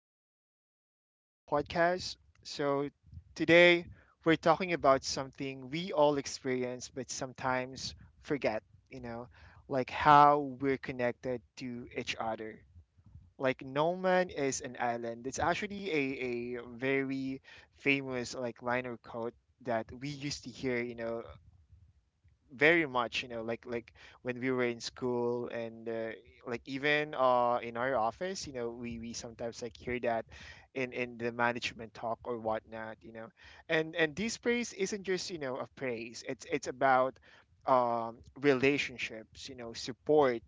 to Life in an Hour podcast. So, today we're talking about something we all experience but sometimes forget, you know, like how we're connected to each other. Like, no man is an island. It's actually a very famous, like, line or quote that we used to hear, very much, like when we were in school, and like even in our office, we sometimes like hear that in the management talk or whatnot, and this praise isn't just, a praise. It's about um relationships, support,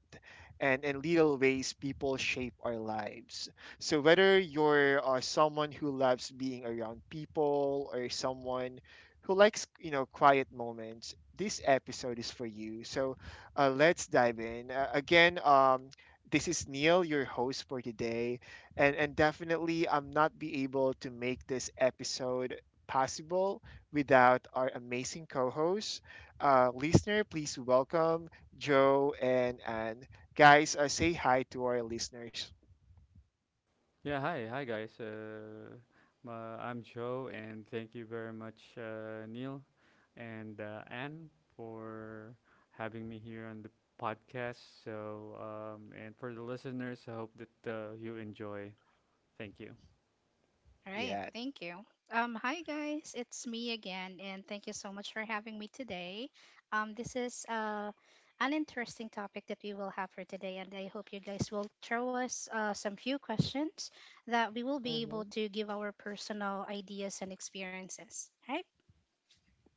and in little ways people shape our lives. So whether you're someone who loves being around people or someone who likes, quiet moments, this episode is for you. So let's dive in. Again, this is Neil, your host for today, and definitely I'm not be able to make this episode possible without our amazing co-hosts. Listener, please welcome Joe and Anne. Guys, say hi to our listeners. Yeah, hi, hi guys. Uh, I'm Joe, and thank you very much, Neil and Anne, for having me here on the podcast. So, and for the listeners, I hope that you enjoy. Thank you. All right, Yeah. thank you. Hi guys, it's me again, and thank you so much for having me today. This is an interesting topic that we will have for today, and I hope you guys will throw us some few questions that we will be able Mm-hmm. to give our personal ideas and experiences. Right?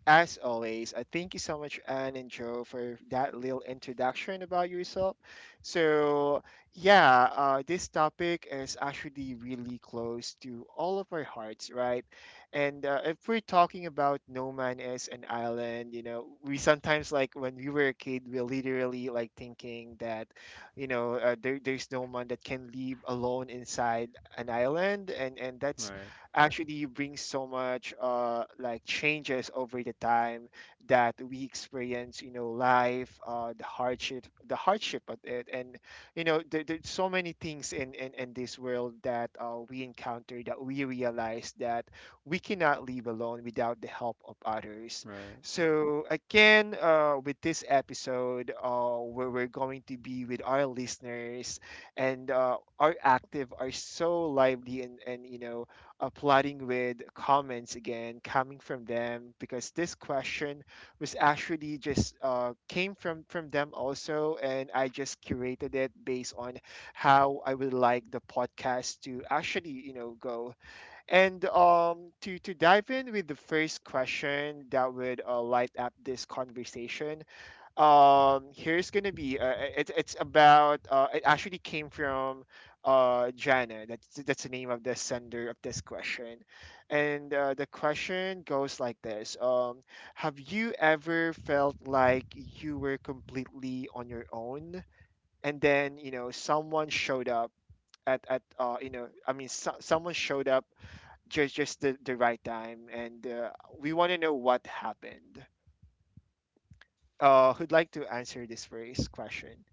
As always, I thank you so much, Anne and Joe, for that little introduction about yourself. So, yeah, this topic is actually really close to all of our hearts, right? And if we're talking about no man is an island, we sometimes, like when we were a kid, we're literally like thinking that, there's no man that can live alone inside an island, and that's Right, actually brings so much like changes over the time that we experience, life, the hardship, of it. And there's so many things in this world that we encounter, that we realize that we cannot live alone without the help of others. right. So again, with this episode, where we're going to be with our listeners, and are active, are so lively, and applauding with comments, again coming from them, because this question was actually just, came from them also, and I just curated it based on how I would like the podcast to actually, go. And to dive in with the first question that would, light up this conversation, here's gonna be, it's about, it actually came from Jana. That's the name of the sender of this question. And the question goes like this. Have you ever felt like you were completely on your own, and then, someone showed up at I mean, so, someone showed up just, the right time, and we want to know what happened? Who'd like to answer this first question?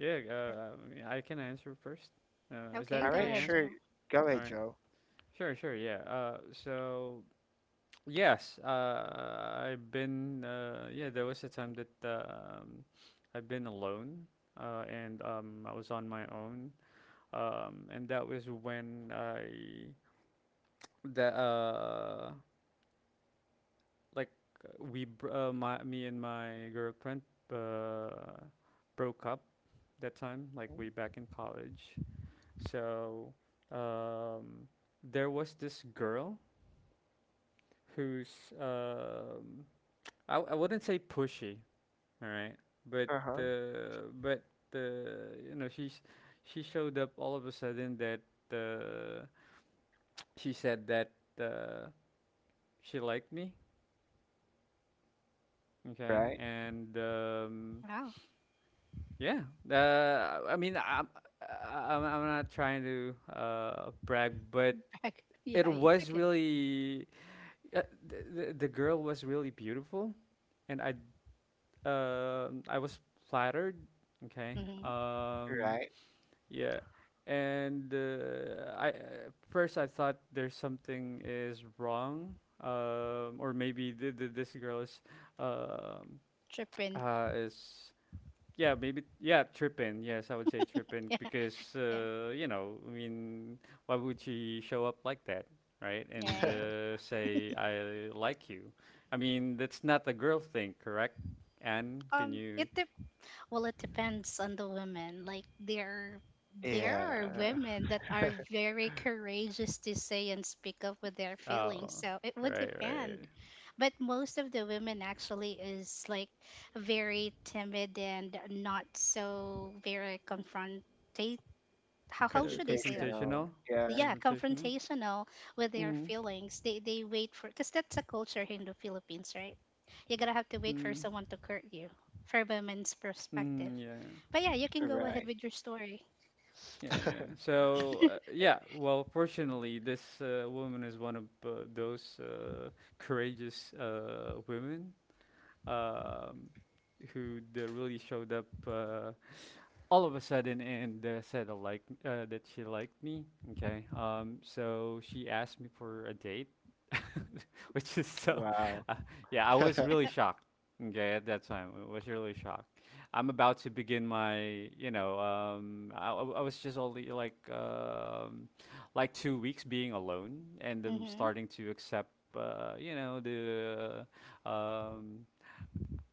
Yeah, I mean, I can answer first. Is that Okay, All go okay, right, ahead, Anne? sure. Joe. Go All ahead, right. Joe. Sure, sure. Yeah. Yes, I've been. Yeah, there was a time that I've been alone, and I was on my own, and that was when I that like we br- my me and my girlfriend uh broke up that time, like way back in college. So um, there was this girl who's um I wouldn't say pushy. All right. But Uh huh. uh, but uh, you know she's she showed up all of a sudden that uh, she said that uh, she liked me. Okay. Right. And Wow. yeah. I mean I'm I- am I I'm not trying to brag, but Yeah, it it's was okay. really the girl was really beautiful, and I was flattered. Okay. Mm-hmm. Right. Yeah. And I first I thought there's something is wrong, or maybe this girl is, um, Tripping. uh, is yeah maybe yeah tripping. Yes, I would say tripping Yeah, because yeah, I mean why would she show up like that, right? And right. Say I like you. I mean that's not a girl thing, correct? Anne, can you? It depends. Well, it depends on the women. Like there are Yeah. women that are very courageous to say and speak up with their feelings. Oh, So it would right, right. depend. But most of the women actually is like very timid and not so very confrontate how should I say that? Confrontational. Confrontational, Yeah. Yeah, confrontational. confrontational with their Mm, feelings. They wait for, because that's a culture here in the Philippines, right? You're gonna have to wait for mm, someone to hurt you for women's perspective. mm, yeah, But yeah, you can go ahead Right. with your story. yeah, yeah. So yeah, well, fortunately, this woman is one of those courageous women, um, really showed up all of a sudden and said I like that she liked me. Okay, so she asked me for a date, which is so, Wow. uh, yeah, I was really shocked. Okay, at that time, I was really shocked. I'm about to begin my, I was just only like 2 weeks being alone, and I'm Mm-hmm. starting to accept, the um,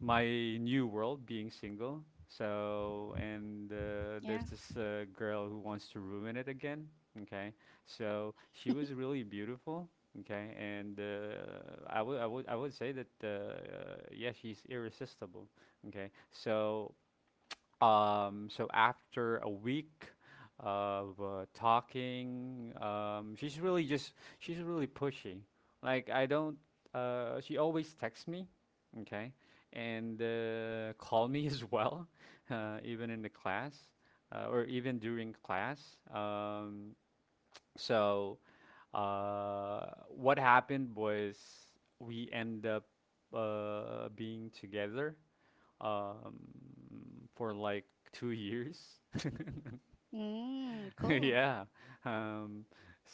my new world being single. So, and there's Yeah. this girl who wants to ruin it again. Okay. So she was really beautiful. Okay. And I would say that yeah, she's irresistible. Okay. So so after a week of talking, she's really pushy. Like I don't. She always texts me, okay, and call me as well, even in the class, or even during class. Um, so what happened was we end up being together, um, for like 2 years. Mm, cool. Yeah. Um,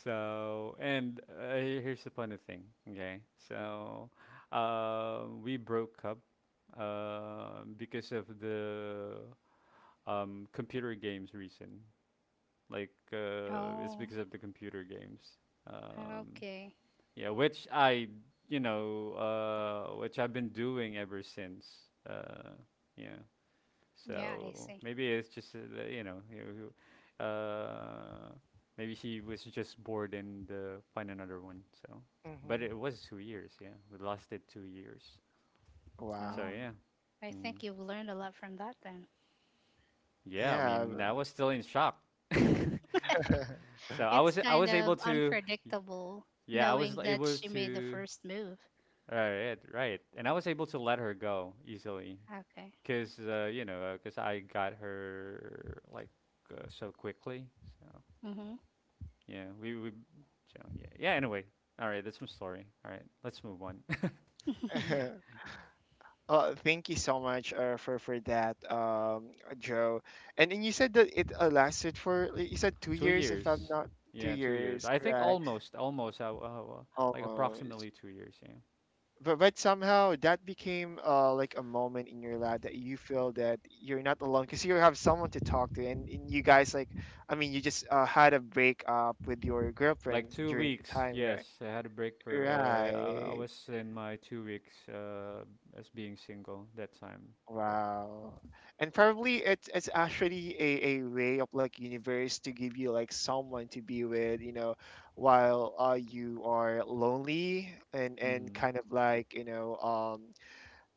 so, and here's the funny thing, okay? So, we broke up because of the computer games reason. Like, it's Oh, because of the computer games. Um, okay. yeah, which I've been doing ever since. Uh, yeah. Yeah, I So see. maybe it's just you know, you- you- uh, maybe she was just bored and find another one. So, but Mm-hmm. it was 2 years. Yeah, we lasted 2 years. So Wow. Oh, yeah, I mm, think you've learned a lot from that then. yeah. I Yeah. mean, I was still in shock. Uh, so I It's was I kind was of able to, y- unpredictable, yeah, I was knowing that able she made the to. first move. Right, right, and I was able to let her go easily, Okay. cause I got her like so quickly. So yeah, we yeah. Anyway, all right, that's my story. All right, let's move on. Mm-hmm. Oh, thank you so much, for that, Joe. And you said that it, lasted for, you said, two two years, if I'm years. not, two Yeah, 2 years. years, I think right? almost almost like Almost. approximately 2 years. Yeah, But somehow that became, like a moment in your life that you feel that you're not alone, because you have someone to talk to, and you guys, like, I mean, you just, had a breakup with your like girlfriend two during the weeks. time, right? Yes, I had a break for. I Right. was in my 2 weeks, as being single that time. Wow. And probably it's, actually a way of like universe to give you like someone to be with, while, you are lonely, and Mm. kind of like,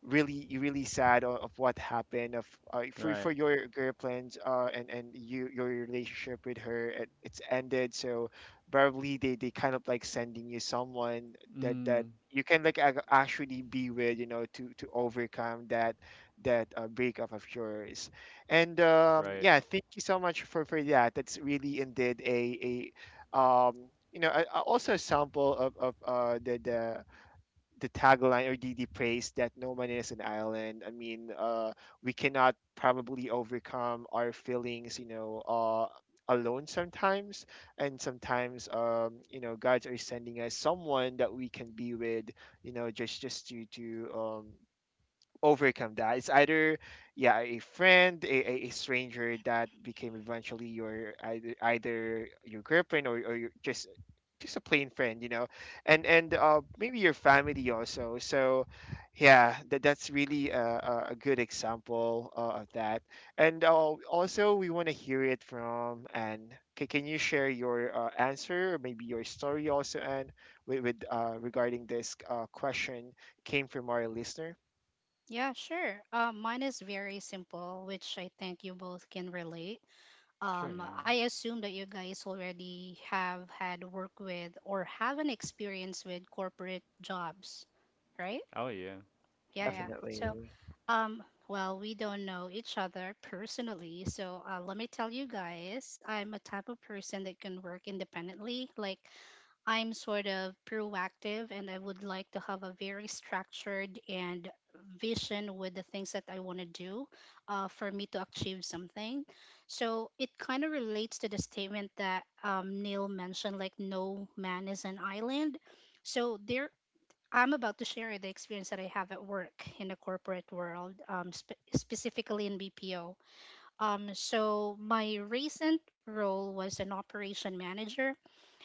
really, really sad of what happened, of, for, Right. Your girlfriend, and your relationship with her, it's ended. So probably they, kind of like sending you someone that Mm. you can like, actually be with, to overcome that, breakup of yours. And Right. yeah, thank you so much for that. That's really indeed a, also a sample of, the the tagline or the praise that no man is an island. I mean, we cannot probably overcome our feelings, alone sometimes. And sometimes, God's are sending us someone that we can be with, just, to overcome that. It's either, yeah, a friend, a stranger that became eventually your, either, your girlfriend, or your, just, a plain friend, and maybe your family also. So yeah, that's really a, good example, of that. And also, we want to hear it from Anne. Can you share your, answer, or maybe your story also, Anne, with, regarding this, question came from our listener? Yeah, sure. Mine is very simple, which I think you both can relate. Sure. Yeah. I assume that you guys already have had work with or have an experience with corporate jobs, right? Oh yeah. Yeah, yeah. Mm. So, Definitely. um, well, we don't know each other personally, so let me tell you guys, I'm a type of person that can work independently. Like, I'm sort of proactive and I would like to have a very structured and vision with the things that I want to do for me to achieve something. So it kind of relates to the statement that Neil mentioned, like, no man is an island. So there, I'm about to share the experience that I have at work in the corporate world, specifically in BPO. So my recent role was an operation manager,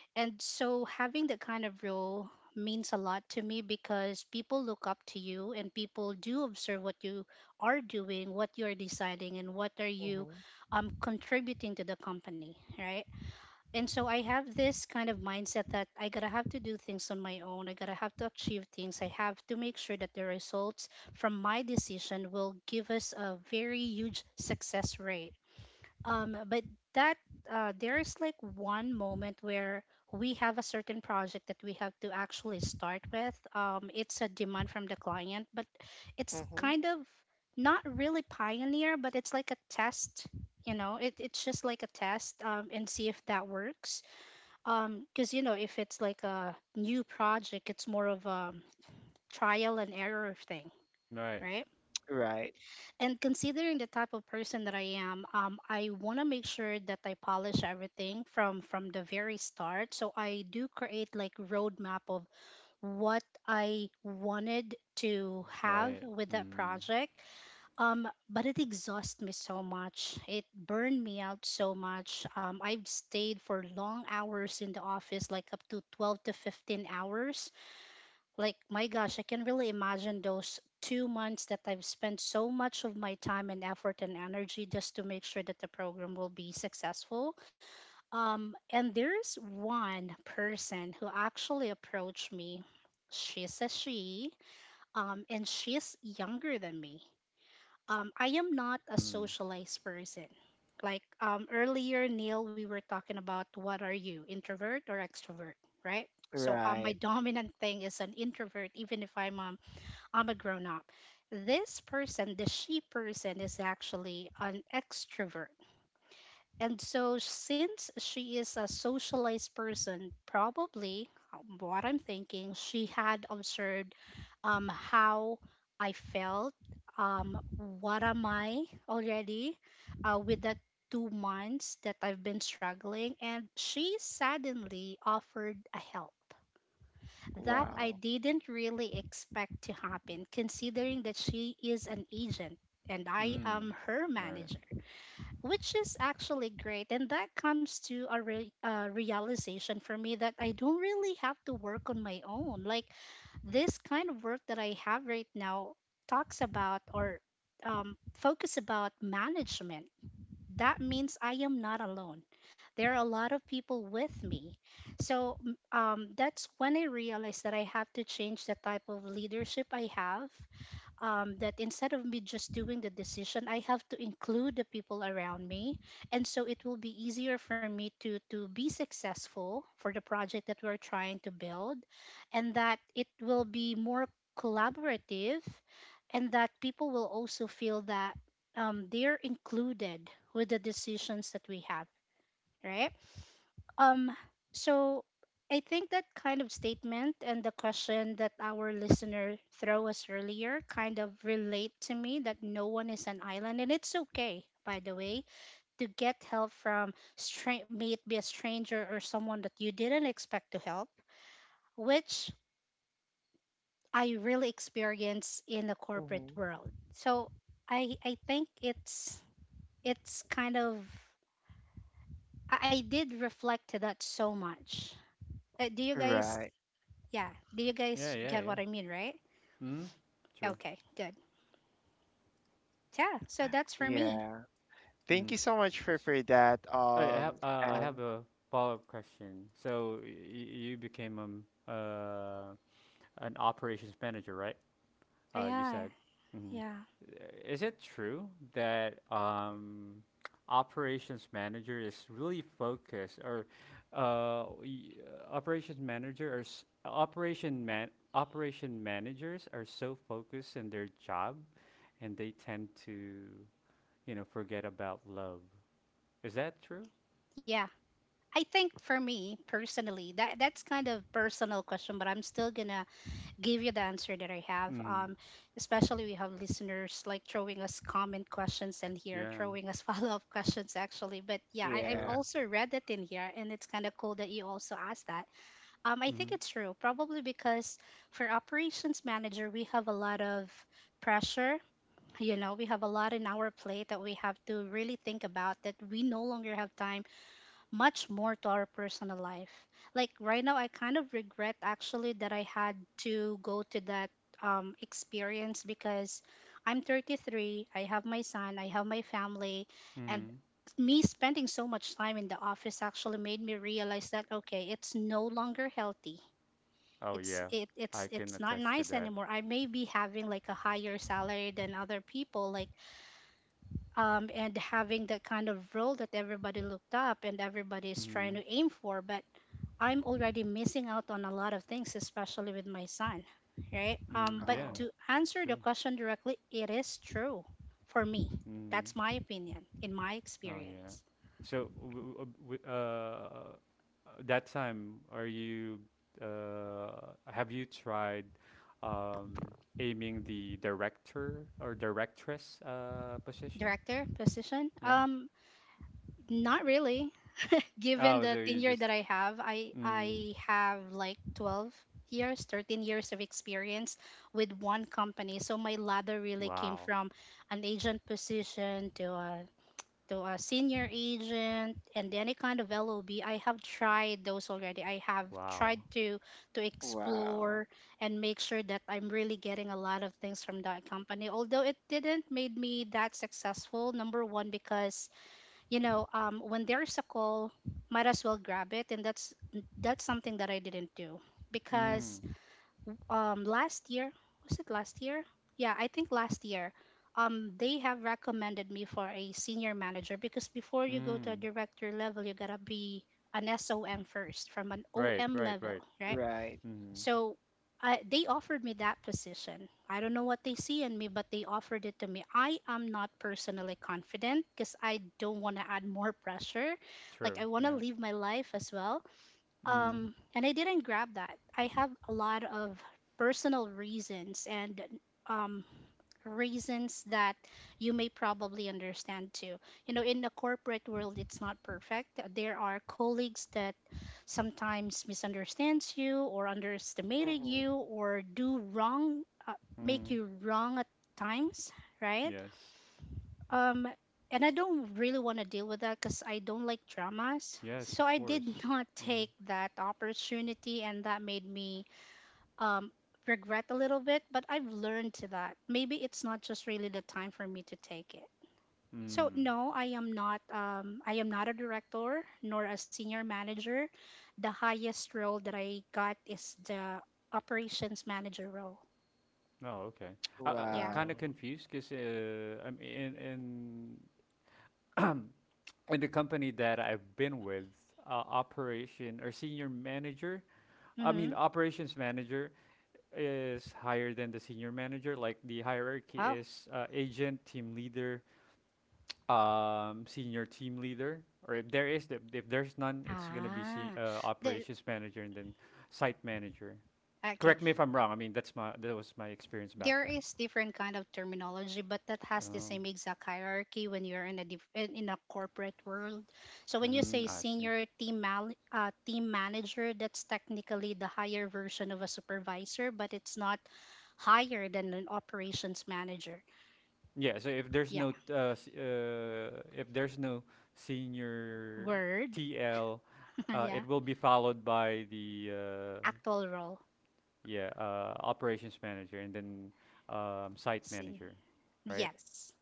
and so having that kind of role means a lot to me because people look up to you and people do observe what you are doing, what you're deciding, and what are you Mm-hmm. Contributing to the company, right? And so I have this kind of mindset that I gotta have to do things on my own. I gotta have to achieve things. I have to make sure that the results from my decision will give us a very huge success rate, but that there's like one moment where we have a certain project that we have to actually start with. It's a demand from the client, but it's Mm-hmm. kind of not really pioneer, but it's like a test. You know, it's just like a test, and see if that works. Because you know, if it's like a new project, it's more of a trial and error thing, Right. right? Right. And considering the type of person that I am, I want to make sure that I polish everything from the very start. So I do create like roadmap of what I wanted to have Right. with that Mm. project. But it exhausts me so much. It burned me out so much. I've stayed for long hours in the office, like up to 12 to 15 hours. Like, my gosh, I can really imagine those 2 months that I've spent so much of my time and effort and energy just to make sure that the program will be successful. And there's one person who actually approached me. She's a she, and she's younger than me. I am not a Mm. socialized person. Like earlier, Neil, we were talking about what are you, introvert or extrovert, right? So my Right. dominant thing is an introvert, even if I'm a grown up. This person, the she person, is actually an extrovert. And so, since she is a socialized person, probably what I'm thinking, she had observed how I felt, what am I already with that 2 months that I've been struggling. And she suddenly offered a help that I Wow. didn't really expect to happen, considering that she is an agent and I Mm. am her Right. manager, which is actually great. And that comes to a realization for me that I don't really have to work on my own. Like this kind of work that I have right now talks about or focus about management. That means I am not alone. There are a lot of people with me. So that's when I realized that I have to change the type of leadership I have. That instead of me just doing the decision, I have to include the people around me, and so it will be easier for me to be successful for the project that we're trying to build, and that it will be more collaborative, and that people will also feel that they're included with the decisions that we have, right? Um, so I think that kind of statement and the question that our listener throw us earlier kind of relate to me that no one is an island, and it's okay, by the way, to get help from may it be a stranger or someone that you didn't expect to help, which I really experience in the corporate Mm-hmm. world. So I think it's kind of I did reflect to that so much. Do you guys Right. Yeah. Do you Yeah. guys Yeah. get Yeah. what I mean, right? Mm, true. Okay, good. Yeah, so that's for me. Yeah. Thank Mm. you so much S for that. I have And a follow-up question. So you became uh an operations manager, right? You Yeah, said. Mm. yeah. Is it true that operations manager is really focused, or operations manager, or s operation man operation managers are so focused in their job and they tend to, forget about love. Is that true? Yeah. I think for me personally, that that's kind of personal question, but I'm still gonna give you the answer that I have. Mm. Especially we have listeners like throwing us comment questions in here, Yeah. throwing us follow up questions actually. But yeah, I've yeah. True. also read it in here, and it's kind of cool that you also asked that. I think Mm-hmm. it's true, probably because for operations manager we have a lot of pressure. You know, we have a lot in our plate that we have to really think about, that we no longer have time much more to our personal life. Like right now I kind of regret actually that I had to go to that experience because I'm 33. I have my son, I have my family, and Mm-hmm. me spending so much time in the office actually made me realize that okay, it's no longer healthy. Oh it's yeah, it, it's I can it's not attest to nice that. anymore. I may be having like a higher salary than other people, like and having that kind of role that everybody looked up and everybody is trying Mm-hmm. to aim for. But I'm already missing out on a lot of things, especially with my son, right? Mm, But yeah, Oh, to it's answer the true. question directly, it is true for me. That's Mm. my opinion in my Oh yeah. experience. So that time, are you, have you tried aiming the director or directress position? Director position? Yeah. Not really. Given Oh, so the you tenure just that I have, I mm. I have like 12 years, 13 years of experience with one company. So my ladder really came Wow, from an agent position to a senior agent and any kind of LOB. I have tried those already. I have wow. tried to wow. explore and make sure that I'm really getting a lot of things from that company. Although it didn't made me that successful, number one because you know, when there's a call, might as well grab it. And that's something that I didn't do because Mm. Last year, was it last year yeah I think last year, they have recommended me for a senior manager, because before you go to a Mm. director level you gotta be an SOM first, from an Right, OM right, level, right. right? Right. Mm-hmm. So they offered me that position. I don't know what they see in me, but they offered it to me. I am not personally confident because I don't want to add more pressure. Like, True. I want to Yeah. live my life as well, Mm-hmm. And I didn't grab that. I have a lot of personal reasons and um, reasons that you may probably understand too. You know, in the corporate world, it's not perfect. There are colleagues that sometimes misunderstands you or underestimated Mm-hmm. you or do wrong, make Mm-hmm. you wrong at times, right? Yes. Um, and I don't really want to deal with that because I don't like dramas. Yes, So of I did course. not Mm-hmm. take that opportunity, and that made me um, regret a little bit. But I've learned to that. Maybe it's not just really the time for me to take it. So Mm. no, I am not. I am not a director nor a senior manager. The highest role that I got is the operations manager role. Oh, okay. I'm Yeah. kind Wow. of confused because I'm in in the company that I've been with, operation or senior manager. I mean, Mm-hmm. operations manager is higher than the senior manager. Like the hierarchy Oh. is, agent, team leader, senior team leader, or if there is, if there's none, it's gonna be Ah. The, operations manager and then site manager. okay. Correct me if I'm wrong. I mean, that was my experience back There then. is different kind of terminology, but that has the Oh, same exact hierarchy when you're in a corporate world. So when you mm, say I see. senior team manager, that's technically the higher version of a supervisor, but it's not higher than an operations manager. Yeah. So if there's Yeah, no senior word. TL, Yeah, it will be followed by the actual role. yeah operations manager and then, site Sen- manager, right? yes,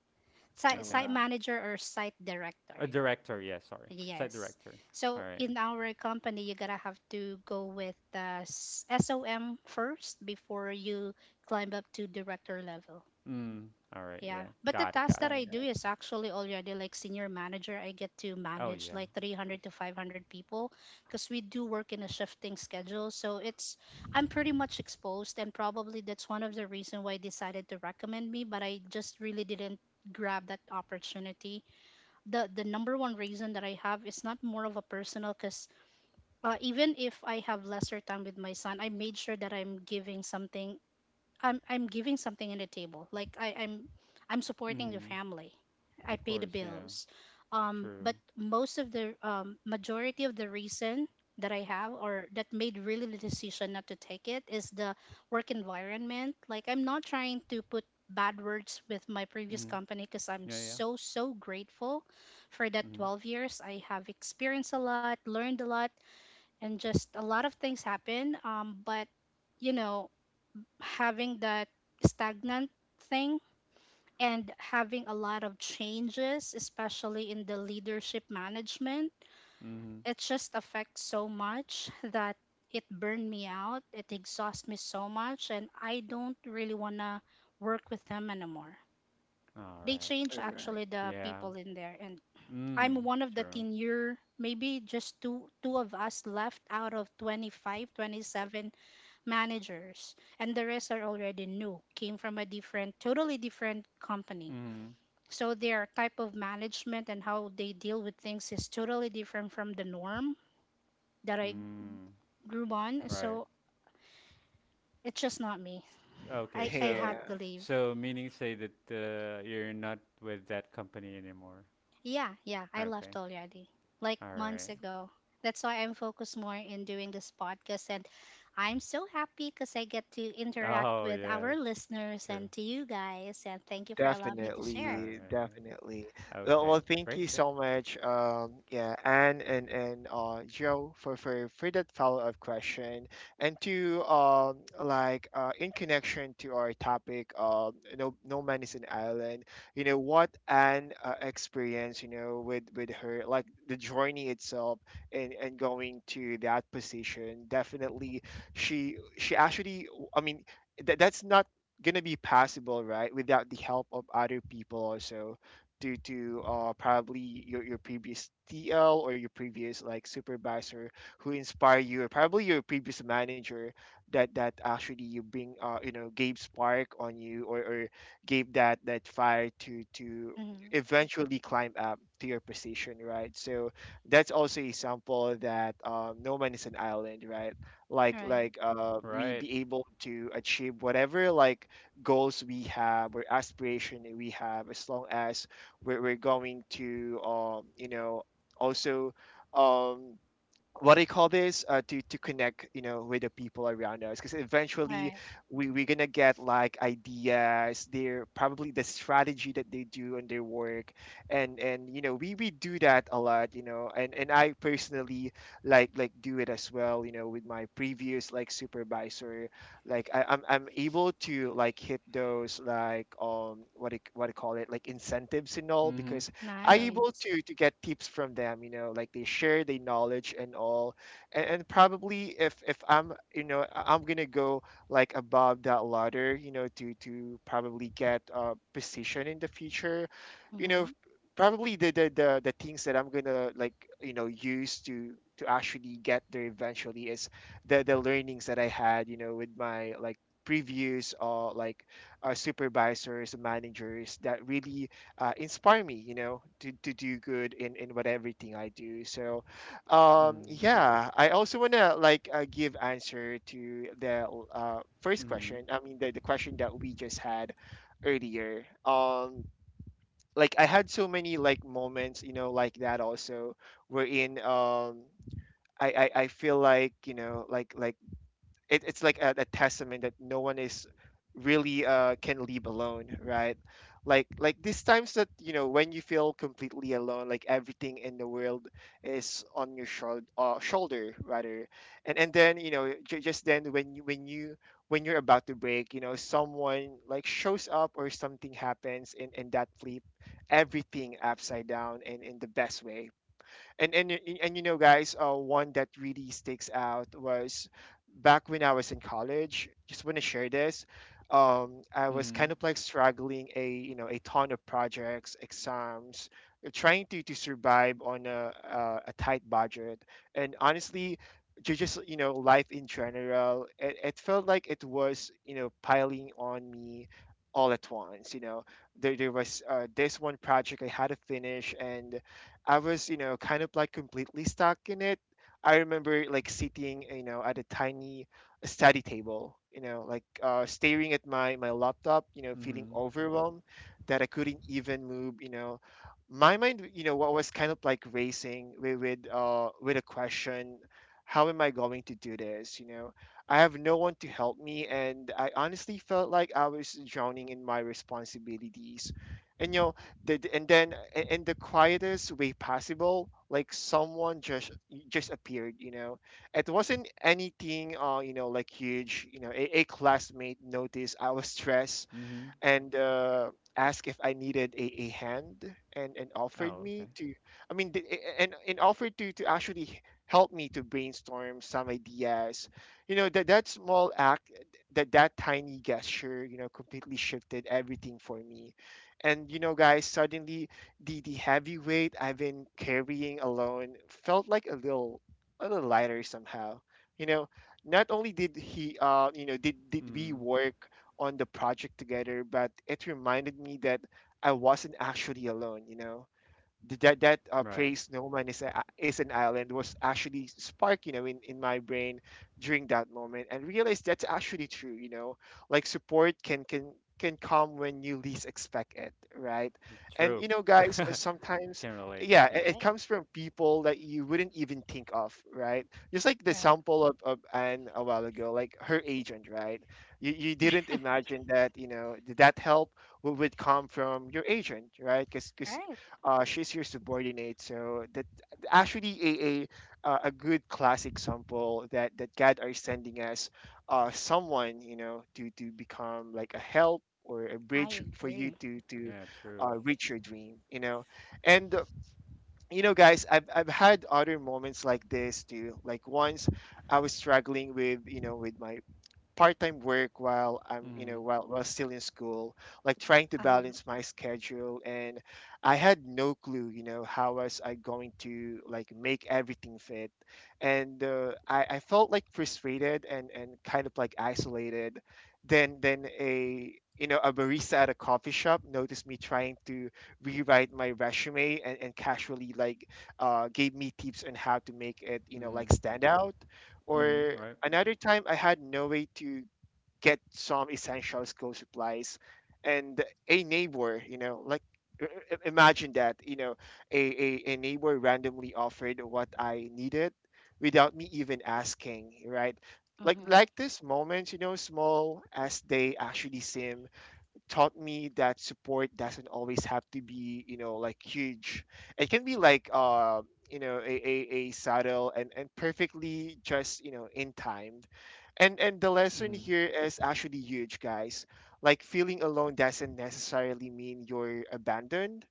Oh, site, Okay. site wow. manager or site director. A director, yeah, sorry. Site Yes. director. All So right. in our company, you gotta have to go with the SOM first before you climb up to director level. Mm. All right, Yeah. yeah. But the Got it, task got All that it. I right. do is actually already like senior manager. I get to Oh, manage yeah. like Of course. 300 to 500 people because we do work in a shifting schedule. So it's, I'm pretty much exposed, and probably that's one of the reason why I decided to recommend me, but I just really didn't grab that opportunity. The number one reason that I have is not more of a personal because even if I have lesser time with my son, I made sure that I'm giving something. I'm giving something in the table. I'm supporting the Mm. family. I Of pay the course, yeah. bills. True. But most of the majority of the reason that I have or that made really the decision not to take it is the work environment. Like, I'm not trying to put bad words with my previous Mm-hmm. company because I'm Yeah, yeah. so grateful for that Mm-hmm. 12 years. I have experienced a lot, learned a lot, and just a lot of things happen. But you know having that stagnant thing and having a lot of changes, especially in the leadership management, Mm-hmm. it just affects so much that it burned me out. It exhausts me so much, and I don't really want to work with them anymore. All They right. change All right. actually the Yeah. people in there, and I'm Mm. one of the True. 10-year, maybe just two of us left out of 25, 27 managers, and the rest are already new, came from a different, totally different company. Mm-hmm. So their type of management and how they deal with things is totally different from the norm that I Mm. grew on. Right. So it's just not me. Okay, I, I so had to Yeah. leave. Meaning say that you're not with that company anymore. Yeah, yeah, I left Okay. already, like All months right. ago. That's why I'm focused more in doing this podcast. And I'm so happy because I get to interact Oh, with yes. our listeners True. and to you guys. And thank you for allowing me to All share. Definitely, right. definitely. Okay. Well, thank you Great, great. so much, yeah, Anne and, Joe, for, that follow-up question, and to, like, in connection to our topic, no, man is an island. You know what Anne, experienced, with, her, like the journey itself, and going to that position. Definitely, she, actually, I mean, that's not gonna be possible, right, without the help of other people, also due to, probably your, previous TL, or your previous like supervisor who inspire you, or probably your previous manager, that, actually you bring, gave spark on you, or gave that, fire to, Mhm. eventually climb up to your position, right? So that's also a sample that, no man is an island, right? like Right. like we Right. be able to achieve whatever, like, goals we have or aspiration that we have, as long as we're going to, also, um, what do you call this, to connect, with the people around us, because eventually Right. We're gonna get like ideas their, probably the strategy that they do on their work. And we do that a lot, and, I personally, like do it as well, with my previous like supervisor. I'm able to like hit those, like, what do you, call it, like incentives and all, Mm-hmm. because I Yeah. able Nice. to get tips from them, like they share their knowledge and all. And probably if, I'm, I'm gonna go like above that ladder, to probably get a position in the future, you know, Mm-hmm. probably the things that I'm gonna like, use to actually get there eventually is the learnings that I had, with my, like, previews, or like, supervisors, managers that really, inspire me, to, do good in what everything I do. So, Mm. yeah, I also wanna, like, give answer to the, first Mm. question. I mean, the question that we just had earlier. Like, I had so many, like, moments, like that also, wherein, I feel like, like it's like a testament that no one is really, can leave alone, right? Like these times that, when you feel completely alone, like everything in the world is on your shoulder, shoulder rather, and then, just then, when you, when you're about to break, someone like shows up or something happens, and that flip everything upside down, and in the best way. And guys, one that really sticks out was back when I was in college, just want to share this. I was Mm. kind of like struggling, a a ton of projects, exams, trying to survive on a tight budget, and honestly, just, life in general, it felt like it was, piling on me all at once. There was, this one project I had to finish, and I was, kind of like completely stuck in it. I remember like sitting, at a tiny study table, like, staring at my laptop, feeling Mm. overwhelmed that I couldn't even move. My mind, what was kind of like racing with a question, how am I going to do this? I have no one to help me, and I honestly felt like I was drowning in my responsibilities. And you know, in the quietest way possible, like someone just appeared, it wasn't anything like huge. A classmate noticed I was stressed Mm. and asked if I needed a hand, and offered Oh, me okay. to, I mean, th- and offered to actually help me to brainstorm some ideas. That small act, that tiny gesture, completely shifted everything for me. And, you know, guys, Suddenly the heavy weight I've been carrying alone felt like a little lighter somehow. You know, Not only did he, you know, did we Mm. work on the project together, but it reminded me that I wasn't actually alone, you know? Th- that that Right. Praise Snowman, is a, is an island, was actually spark, in my brain during that moment, and realized that's actually true, like support can come when you least expect it, right? and True. you know guys I Sometimes, can relate. yeah, Yeah. it Right. comes from people that you wouldn't even think of, right? Just like the Right. sample of Anne a while ago, like her agent, right? You didn't imagine that, that help would come from your agent, right? Because Right. She's your subordinate. So that actually a good class example that that God are sending us someone, you know, to become like a help or a I bridge for agree. you to Yeah. True. Reach your dream. You know, and you know, guys, I've had other moments like this too. Like once I was struggling with, with my part-time work while I'm, Mm. While still in school, like trying to Uh-huh. balance my schedule. And I had no clue, how was I going to like make everything fit. And I felt like frustrated and kind of like isolated. Then a barista at a coffee shop noticed me trying to rewrite my resume, and casually like gave me tips on how to make it, like Mm. stand out Mm. or... Right. Another time, I had no way to get some essential school supplies, and a neighbor, i- imagine that, a neighbor randomly offered what I needed without me even asking, right? Mm-hmm. Like these moments, small as they actually seem, taught me that support doesn't always have to be, like huge. It can be like, you know, a, a, a subtle and perfectly just, in time. And the lesson Mm. here is actually huge, guys. Like feeling alone doesn't necessarily mean you're abandoned.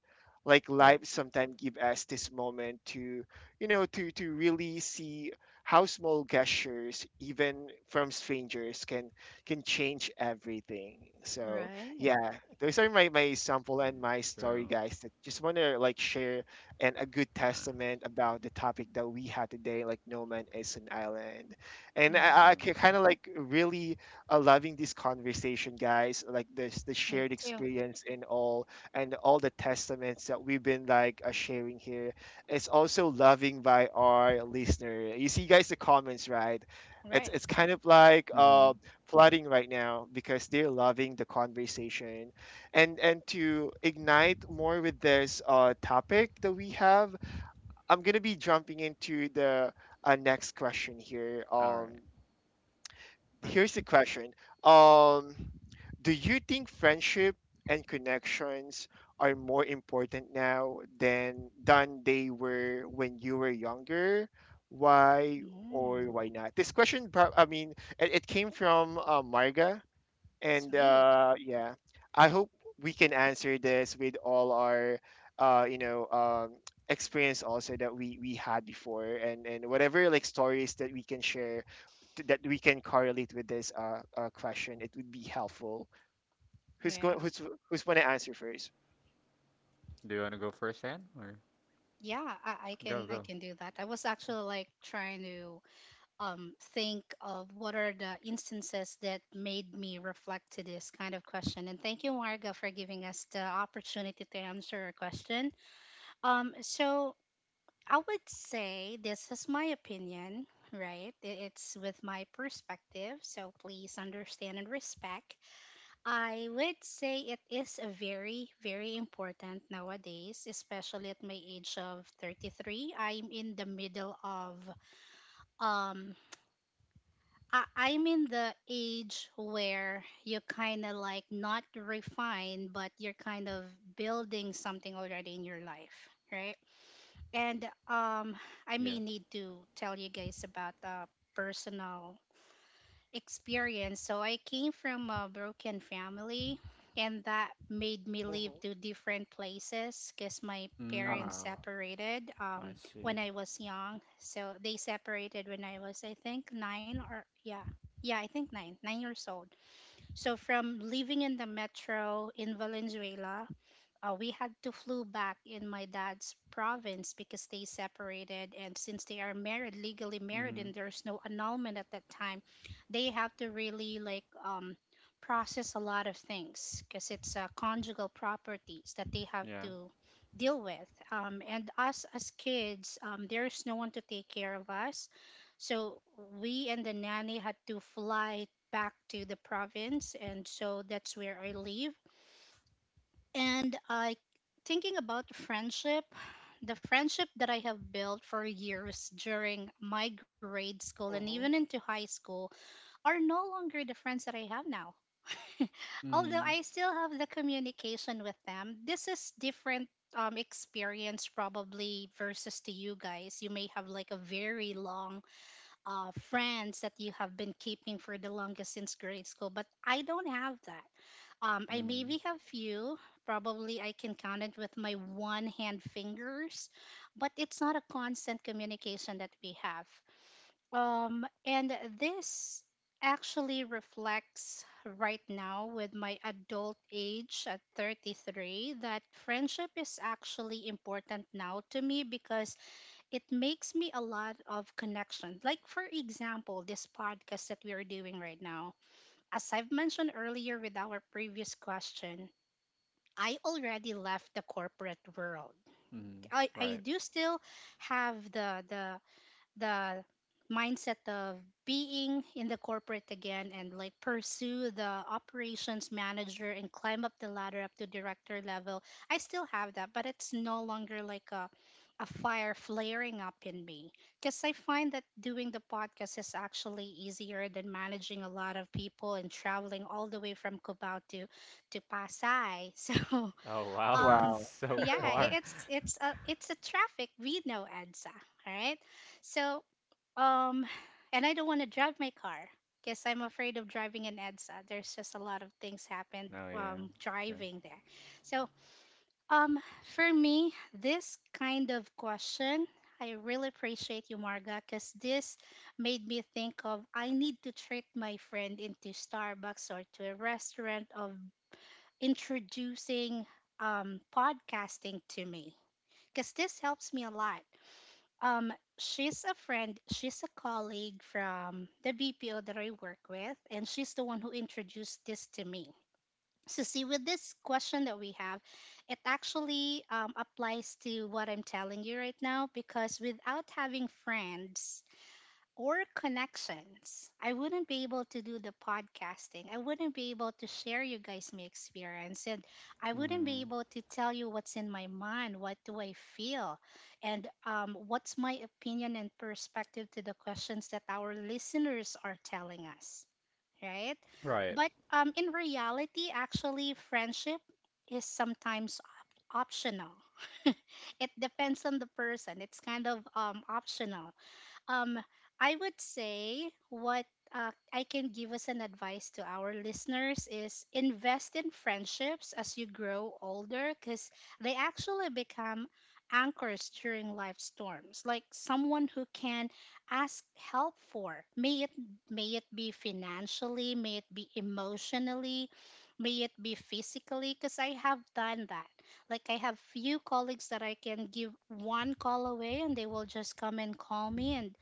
Like Right. life sometimes give us this moment to, to really see how small gestures, even from strangers, can change everything. So Right. yeah, those are my, my sample and Mm. my story, True. guys, that just want to like share, and a good Ah. testament about the topic that we had today, like no man is an island. Mm-hmm. I True. kind of like really loving this conversation, guys, like this the Me shared too. experience and all, and all the testaments that we've been like sharing here. It's also loving by our listener. You see, guys, the comments, right? it's, Right. it's kind of like Mm. flooding right now because they're loving the conversation. And to ignite more with this topic that we have, I'm going to be jumping into the next question here. All right. Here's Nice. the question. um do you think friendship and connections are more important now than they were when you were younger? Why or Mm. why not? This question prob- I mean it, it came from Marga. And Sweet. Yeah, I hope we can answer this with all our, uh, you know, um, experience also that we had before, and whatever like stories that we can share that we can correlate with this question. It would be helpful. Who's going? Yeah. Who's going to answer first? Do you want to go first, then, or Yeah, I, I can go I go? can do that. I was actually like trying to think of what are the instances that made me reflect to this kind of question. And thank you, Marga, for giving us the opportunity to answer our question. So I would say this is my opinion, right? It's with my perspective, so please understand and respect. I would say it is a very, very important nowadays, especially at my age of 33. I'm in the middle of, um, I'm in the age where you're kind of like not refined, but you're kind of building something already in your life. Right? And I may Yeah. need to tell you guys about a personal experience. So I came from a broken family, and that made me Mm-hmm. live to different places because my Mm. parents Oh. separated I see. when I was young. So they separated when I was, I think, nine or yeah. Yeah, I think nine years old. So from living in the metro in Valenzuela, we had to flew back in my dad's province because they separated, and since they are married, legally married, Mm. and there's no annulment at that time, they have to really like process a lot of things because it's conjugal properties that they have Yeah. to deal with, and us as kids, there's no one to take care of us. So we and the nanny had to fly back to the province, and so that's where I live. And I, thinking about friendship, the friendship that I have built for years during my grade school and Hmm. even into high school are no longer the friends that I have now. Although Mm. I still have the communication with them, this is different experience, probably versus to you guys. You may have like a very long friends that you have been keeping for the longest since grade school, but I don't have that. I Mm. maybe have few. Probably I can count it with my one hand fingers, but it's not a constant communication that we have. And this actually reflects right now with my adult age at 33, that friendship is actually important now to me because it makes me a lot of connections. Like, for example, this podcast that we are doing right now. As I've mentioned earlier with our previous question, I already left the corporate world. Mm. I Right. do still have the mindset of being in the corporate again and like pursue the operations manager and climb up the ladder up to director level. I still have that, but it's no longer like a fire flaring up in me because I find that doing the podcast is actually easier than managing a lot of people and traveling all the way from Cubao to Pasay. So Oh wow. um, It's Wow. so yeah, i- far. it's it's a it's a traffic. We know EDSA, all right? So, um, and I don't want to drive my car because I'm afraid of driving in EDSA. There's just a lot of things happened Oh yeah, true. driving there. So, um, for me, this kind of question, I really appreciate you, Marga, because this made me think of I need to treat my friend into Starbucks or to a restaurant of introducing podcasting to me because this helps me a lot. Um, she's a friend, she's a colleague from the BPO that I work with, and she's the one who introduced this to me. So, see, with this question that we have, it actually applies to what I'm telling you right now because without having friends, or connections, I wouldn't be able to do the podcasting. I wouldn't be able to share you guys my experience, and I wouldn't be Mm. able to tell you what's in my mind, what do I feel, and what's my opinion and perspective to the questions that our listeners are telling us, right? Right. But in reality, actually, friendship is sometimes optional. It depends on the person. It's kind of optional. um, I would say what I can give as an advice to our listeners is invest in friendships as you grow older because they actually become anchors during life storms. Like someone who can ask help for, may it be financially, may it be emotionally, may it be physically. Because I have done that. Like, I have few colleagues that I can give one call away, and they will just come and call me and,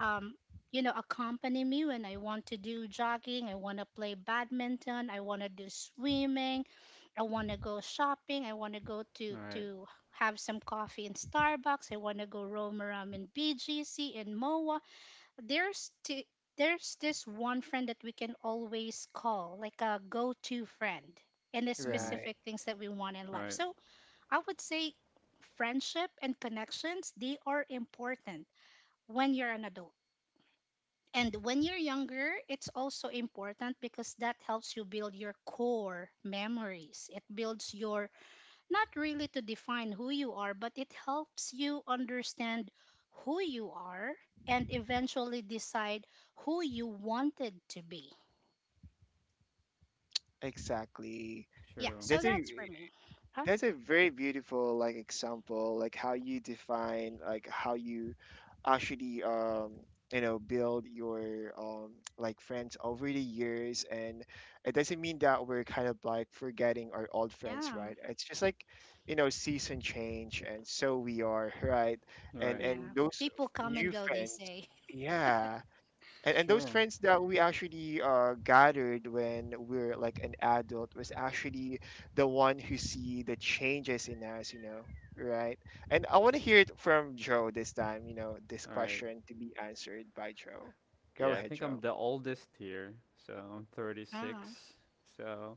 um, you know, accompany me when I want to do jogging, I want to play badminton, I want to do swimming, I want to go shopping, I want to go to Right. to have some coffee in Starbucks, I want to go roam around in BGC and MOA. There's t- there's this one friend that we can always call, like a go-to friend, and the Mm. Right. specific things that we want in life. Right. So I would say friendship and connections, they are important when you're an adult, and when you're younger, it's also important because that helps you build your core memories. It builds your, not really to define who you are, but it helps you understand who you are and eventually decide who you wanted to be. Exactly. Yeah, True. so That's a... that's for me. Huh? That's a very beautiful like example, like how you define, like how you actually build your like friends over the years. And it doesn't mean that we're kind of like forgetting our old friends, Yeah, right? It's just like, season change, and so we are, right? Right. And yeah. those People come and new go, they friends, say. yeah. It's And those true. friends that we actually gathered when we're like an adult was actually the one who see the changes in us, you know, right? And I want to hear it from Joe this time, you know, this All right. question to be answered by Joe. Go Yeah, I ahead, think Joe. I'm the oldest here, so I'm Ah, 36. So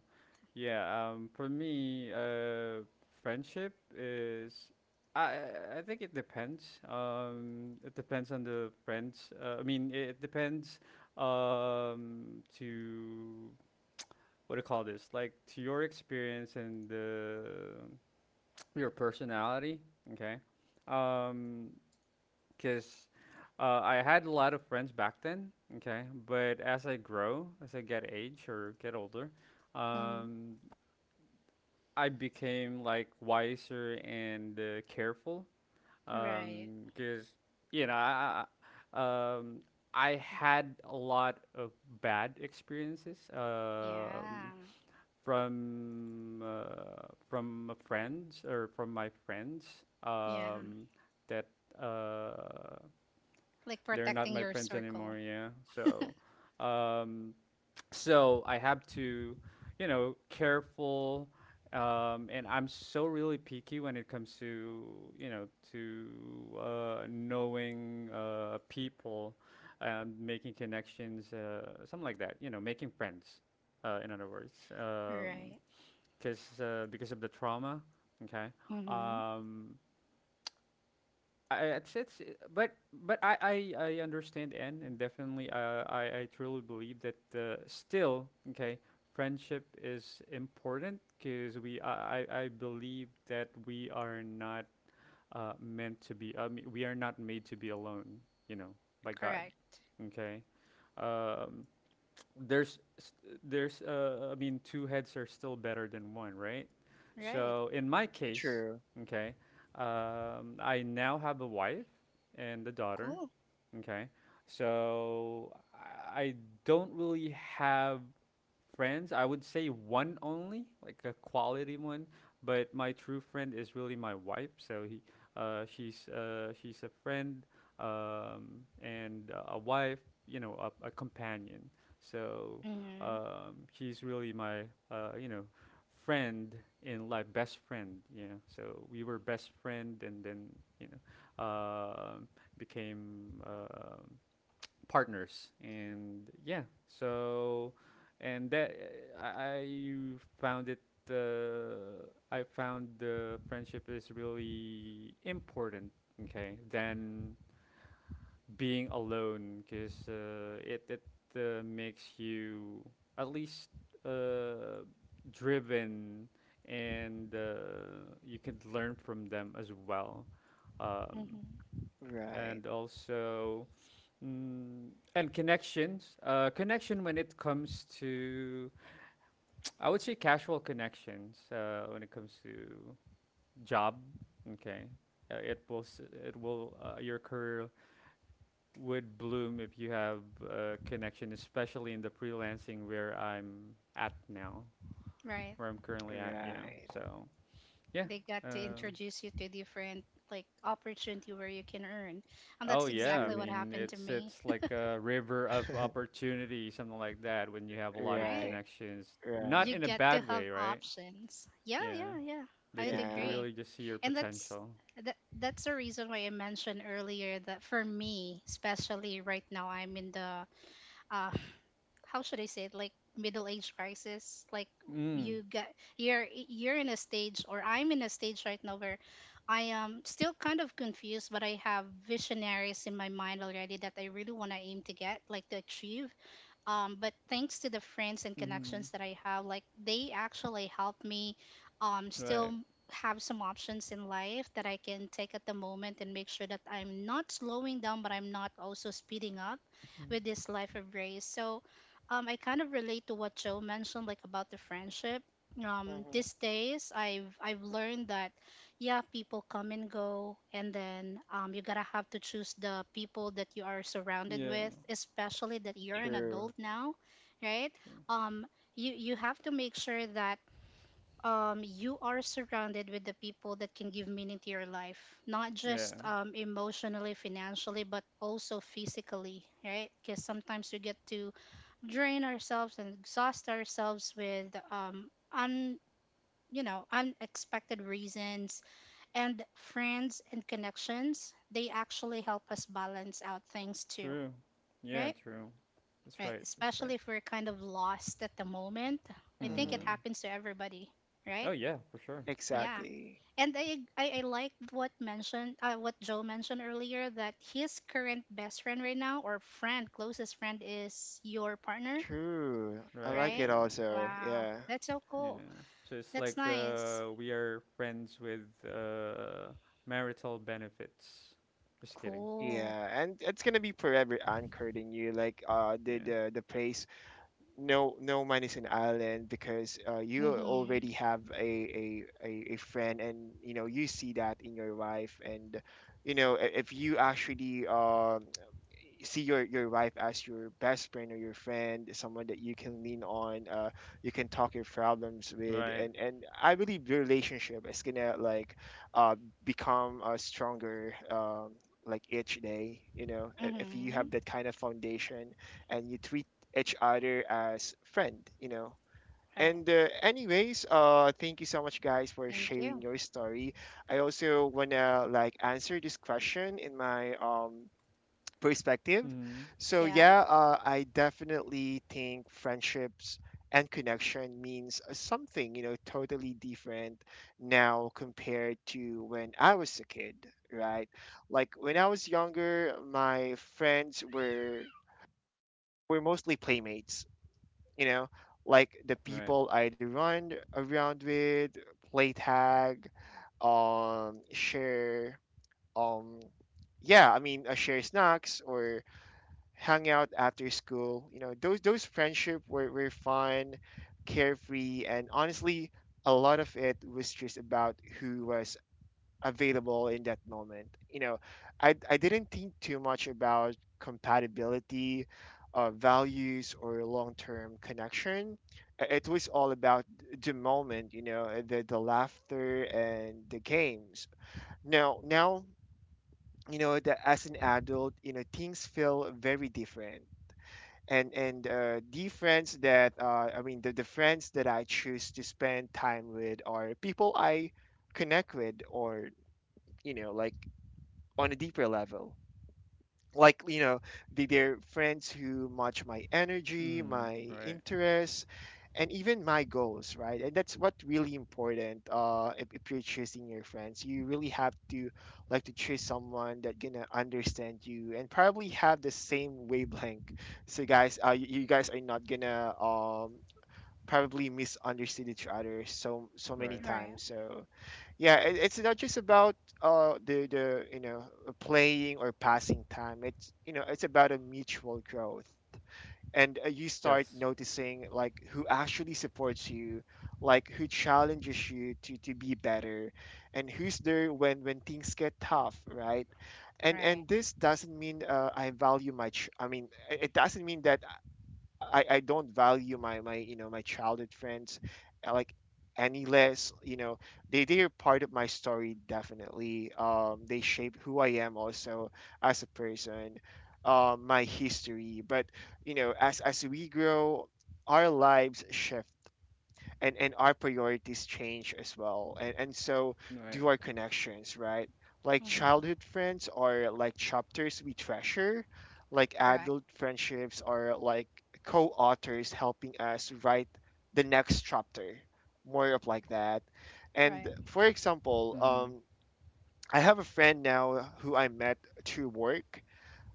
yeah, for me, friendship is. I I think it depends. It depends on the friends. I mean, it depends. To what do you call this? Like to your experience and the your personality, okay? Um, because I had a lot of friends back then, okay? But as I get age or get older, mm, um, I became like wiser and, careful. right. Because you know, I, I- um, I had a lot of bad experiences. Yeah, From a friends or from my friends, yeah. um, that uh, Like they're not protecting my your friends anymore. circle. Yeah, so um, so I have to, you know, careful. And I'm so really picky when it comes to you know to knowing, people, making connections, something like that. You know, making friends. In other words, Right. because of the trauma. Okay. Mm-hmm. Um, I, it's but I understand, and definitely I truly believe that, still okay, friendship is important because we I believe that we are not meant to be. I mean, we are not made to be alone, you know by God, Correct. okay. um there's s- there's, I mean, two heads are still better than one, right? Right. So in my case, True. okay, I now have a wife and a daughter. Cool. Okay. So I don't really have friends. I would say one only, like a quality one. But my true friend is really my wife. So he, she's a friend, and a wife. You know, a companion. So Mm-hmm. She's really my, uh, you know, friend in life, best friend. Yeah. So we were best friend, and then you know, um became, partners, and yeah so, and that i found it I found the friendship is really important, okay, than being alone because it makes you at least, uh, driven, and you could learn from them as well, um, Mm-hmm. Right. and also. Mm, and connections. Connection when it comes to, I would say casual connections. When it comes to job, okay, it will, your career would bloom if you have a connection, especially in the freelancing where I'm at now, Right. where I'm currently at. Yeah. Right. So yeah. They got to Uh, introduce you to different like opportunity where you can earn. And Oh that's yeah, I exactly what True. mean happened to it's me. it's like a river of opportunity, something like that, when you have a lot of Right, Right. connections. Not You right. in a get to bad have way, right? options. Yeah, Yeah. yeah, yeah. They I would could Yeah. agree. really just see your And that's potential. that, that's the reason why I mentioned earlier that for me, especially right now, I'm in the uh how should I say it, like middle age crisis, like Mm. you got you're in a stage, or I'm in a stage right now where I am still kind of confused, but I have visionaries in my mind already that I really want to aim to get, like to achieve, but thanks to the friends and Mm-hmm. connections that I have, like they actually help me Right. still have some options in life that I can take at the moment and make sure that I'm not slowing down, but I'm not also speeding up Mhm. with this life of race. I kind of relate to what Joe mentioned, like about the friendship. Mm-hmm. These days, I've learned that yeah, people come and go, and then you gotta have to choose the people that you are surrounded Yeah. with, especially that you're an True. adult now, right? True. Um, you have to make sure that you are surrounded with the people that can give meaning to your life, not Yeah. just emotionally, financially, but also physically, right? Because sometimes we get to drain ourselves and exhaust ourselves with un unexpected reasons and friends and connections, they actually help us balance out things too, True. Yeah, right? true. That's Right. right. That's Especially right. if we're kind of lost at the moment. I think it Mm-hmm. Mm. happens to everybody, Oh right? yeah, for sure. Yes. Yeah. Exactly. And I like what mentioned what Joe mentioned earlier that his current best friend right now or friend, closest friend is your partner, True. I Right, like it right? yeah. also. Wow. Yeah. That's so cool. Yeah. So it's That's like nice. We are friends with marital benefits. Just kidding. Cool. Yeah, and it's gonna be forever anchored in you. Like the Yeah. the the place, no no man is an island, because you Mhm. already have a a friend, and you know you see that in your wife. And if you actually see your wife as your best friend or your friend, someone that you can lean on, you can talk your problems with, Right. And I believe your relationship is gonna like uh, become stronger. Like each day, if you have Mhm. that kind of foundation and you treat each other as friend, you know. Right. And anyways, thank you so much, guys, for Thank sharing you. your story. I also wanna like answer this question in my perspective. Mm. So Yeah. yeah, I definitely think friendships and connection means something, you know, totally different now compared to when I was a kid, right? Like when I was younger, my friends were mostly playmates, you know, like the Right. people I'd run around with, play tag, share, um, yeah, I mean, share snacks or hung out after school. You know, those friendship were fun, carefree, and honestly, a lot of it was just about who was available in that moment. You know, I didn't think too much about compatibility, values, or long term connection. I- It was all about the moment. You know, the laughter and the games. Now you know that as an adult, you know things feel very different. And the friends that I mean The friends that I choose to spend time with are people I connect with, or you know like on a deeper level, like you know their friends who match my energy, Mm. my Right. interests, and even my goals, right? And that's what really important. If you're choosing your friends, you really have to like to choose someone that gonna understand you and probably have the same wavelength. So guys, you guys are not gonna probably misunderstand each other so so many Right. Right. times. So yeah, it's not just about the you know playing or passing time. It's, you know, it's about a mutual growth. And you start Yes. noticing like who actually supports you, like who challenges you to be better, and who's there when things get tough, right? and Right. and this doesn't mean I value my ch- I mean it it doesn't mean that I don't value my my childhood friends, like any less, you know. They are part of my story, definitely. They shape who I am also as a person, my history. But you know as we grow, our lives shift, and our priorities change as well, and so Right. do our connections, right? Like childhood Mm-hmm. friends are like chapters we treasure. Like Correct. adult friendships are like co-authors helping us write the next chapter, more of like that. And Right. for example, Mm. I have a friend now who I met through work.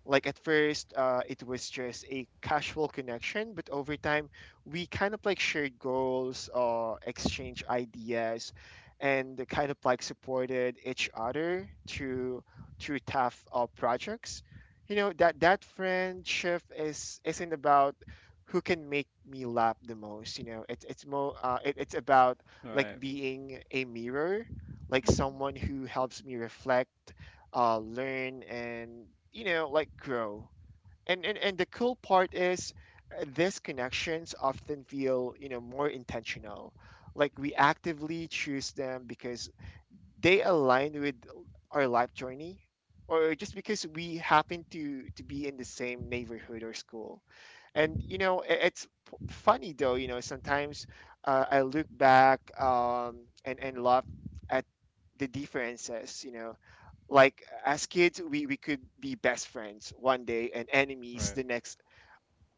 Like at first, it was just a casual connection, but over time, we kind of like shared goals, exchange ideas, and kind of like supported each other through through tough projects. You know that that friendship is isn't about who can make me laugh the most. It's more, it's about like Right. being a mirror, like Mm-hmm. someone who helps me reflect, learn, and like grow. And the cool part is, these connections often feel, more intentional, like we actively choose them because they align with our life journey, or just because we happen to be in the same neighborhood or school. And it's funny though. Sometimes, I look back, and laugh at the differences. Like as kids, we could be best friends one day and enemies Right. the next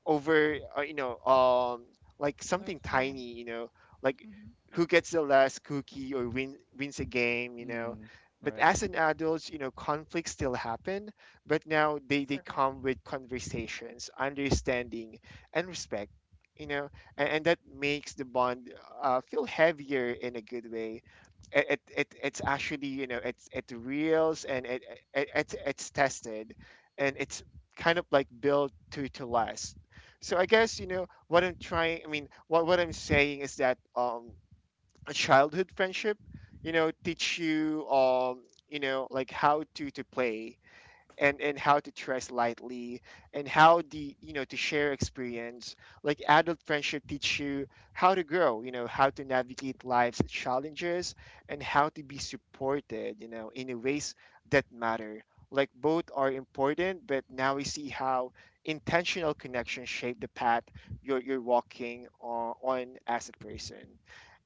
over, like Over something time. tiny, like Mm-hmm. who gets the last cookie or wins a game. Mm. But Right. as an adult, conflicts still happen, but now they For real. come with conversations, understanding, and respect. You know and, and that makes the bond, feel heavier in a good way. It's actually, it reals, and it's tested, and it's kind of like built to last. So I guess, what I'm trying. I mean, what I'm saying is that, a childhood friendship, teach you, like how to play, and how to trust lightly, and how the to share experience. Like adult friendship teach you how to grow, how to navigate life's challenges, and how to be supported, in a ways that matter. Like both are important, but now we see how intentional connections shape the path you're walking on as a person.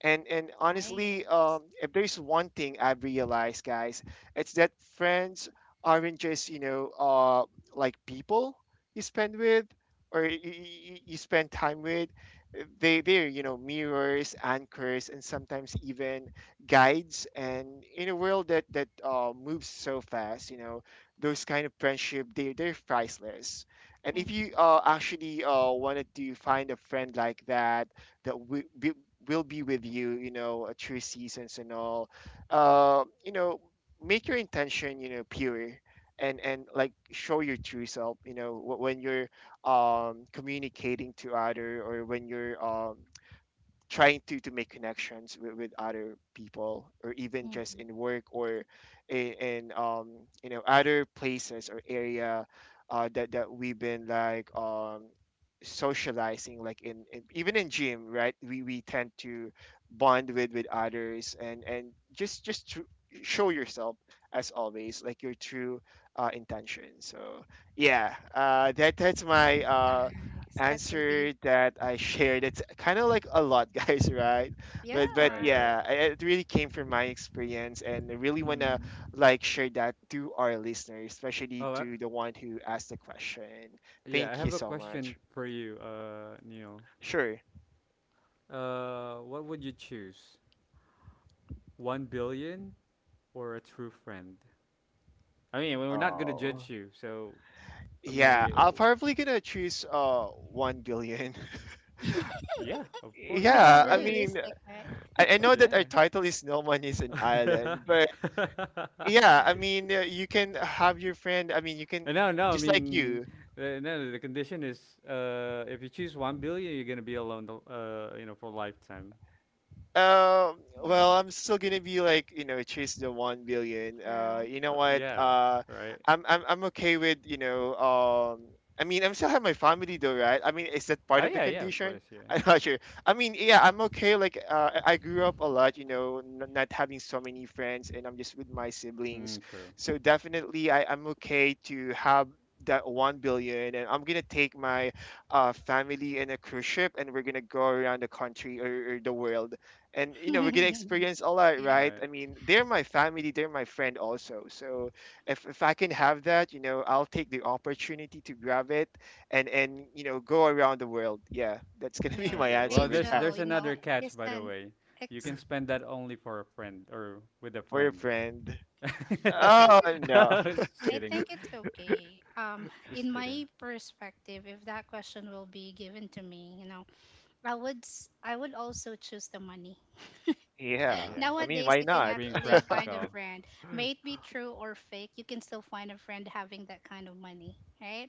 and honestly, Nice. If there's one thing I've realized, guys, it's that friends aren't just, like people you spend with, or you spend time with. They're, mirrors, anchors, and sometimes even guides. And in a world that moves so fast, those kind of friendship, they're priceless. And if you, Mm-hmm. Actually, wanted to find a friend like that, that will be with you, you know through seasons and all. uh, you know Make your intention, pure, and like show your true self, when you're, communicating to other, or when you're, trying to make connections with other people, or even just in Mm-hmm. work, or in other places or area, that we've been, like, socializing, like in even in gym, right? We tend to bond with others, and just to show yourself, as always, like your true, intention. So yeah, that's my, Nice. That's so deep. answer that I shared. It's kind of like a lot, guys, right? But Right. Yeah. Right. yeah, it really came Yeah. from my experience, and I really wanna Mm. like share that to our listeners, especially Oh, I, to the one who asked the question. yeah. I Thank you have a so question much. for you, Neil. Sure. What would you choose? 1 billion or a true friend? I mean, we're not gonna Oh. judge you, so I Yeah, mean, I'm probably gonna choose, 1 billion. yeah, of course, Being Yeah, I right? mean, realistic, right? I know that our Yeah. title is No One is an Island, but yeah, I mean, you can have your friend. I mean, you can No. I just like mean, you. the, no. no, The condition is, if you choose 1 billion, you're gonna be alone, you know, for lifetime. Um, well, Mm, I'm still gonna be like, chase the 1 billion. for real. You know what? Yeah, right. I'm okay with, I mean, I'm still have my family though, right? I mean, is that part Oh of the yeah, yeah. Of condition? course, yeah, I'm yeah. not sure. I mean, yeah, I'm okay. Like, I grew up a lot, not having so many friends, and I'm just with my siblings. Mm, true. So definitely, I'm okay to have that 1 billion, and I'm gonna take my, family in a cruise ship, and we're gonna go around the country, or the world. And we are gonna experience a lot, yeah. All right? right. I mean, they're my family, they're my friend also, so if I can have that, I'll take the opportunity to grab it, and go around the world. Yeah, that's gonna be my Yeah. Okay. Hey answer Well, with there's that. Joe, there's you know, another catch, he's by the an way. You ex. can spend that only for a friend or with a For your friend. friend. I think Oh it, no. Just I kidding. think it's okay. Just In kidding. my perspective, if that question will be given to me, you know, I would also choose the money. Oh Yeah, yeah. I mean, Nowadays, why you can Just not? being actually find a practical. friend. May it be true or fake, you can still find a friend having that kind of money, right?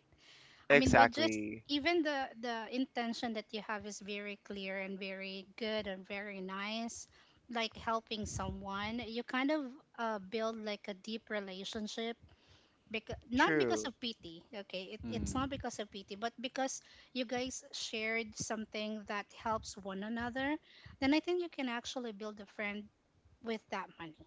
I mean, by just Exactly. even the intention that you have is very clear and very good and very nice, like helping someone. You kind of build like a deep relationship because not because True. of pity, okay, it's Mm. not because of pity but because you guys shared something that helps one another, then I think you can actually build a friend with that money.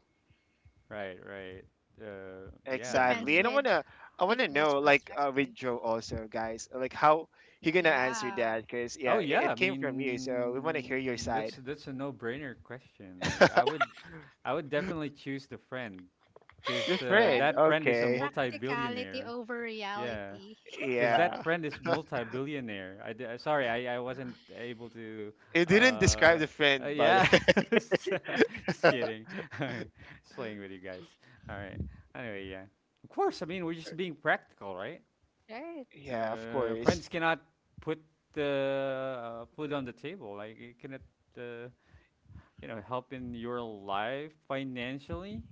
Right. Uh, It yeah, I depends Exactly. mean, And i with want to i want to people's know, like, with perspective. Joe also, guys, like how he gonna answer Yeah, that, because oh yeah, it, yeah, I it came from you, so we want to hear your mean, that's side. that's a no-brainer question. I would definitely choose the friend The because yeah. friend. that friend is a Okay. Practicality multi-billionaire. over Yeah. reality. Because that Yeah. friend is multi-billionaire. Sorry, I wasn't able to. It didn't describe Uh, the friend, by the yeah, way. just kidding. Just playing with you guys. All right. Anyway, yeah. Of course, I mean we're just being practical, right? Right. Yeah, of course. Friends cannot put the food on the table. Like you cannot, uh, you know, help in your life financially,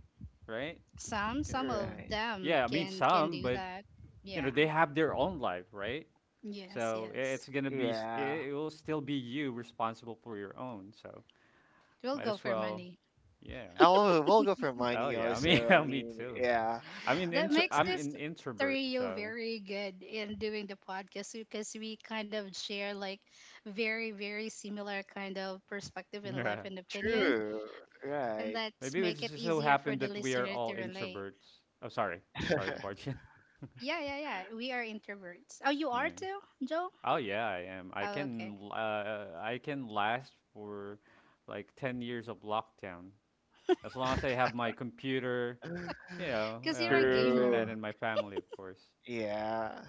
right? Ca- some of Right. them Yeah, I mean can some, do but that. you know Yeah. they have their own life, right? Yes, So yes. it's gonna be Yeah. It will still be you responsible for your own. So We'll might go as for well, money. yeah. We'll go for Oh money yeah, I mean, also. I yeah, me mean, too. yeah. I am an That intro. makes I'm this an introvert, trio so very good in doing the podcast because we kind of share like very, very similar kind of perspective in life yeah. and opinion. True. And Right. that's Maybe it make it just so easier for happened the that we are listener all to relate. introverts. Oh, sorry, sorry to barge in. Yeah, yeah, yeah. We are introverts. Oh, you are Yeah. too, Joe? Oh yeah, I am. Oh, okay. I can last for like 10 years of lockdown as long as I have my computer, you know, Because you're a my gamer. internet, True. and my family, of course. Yeah.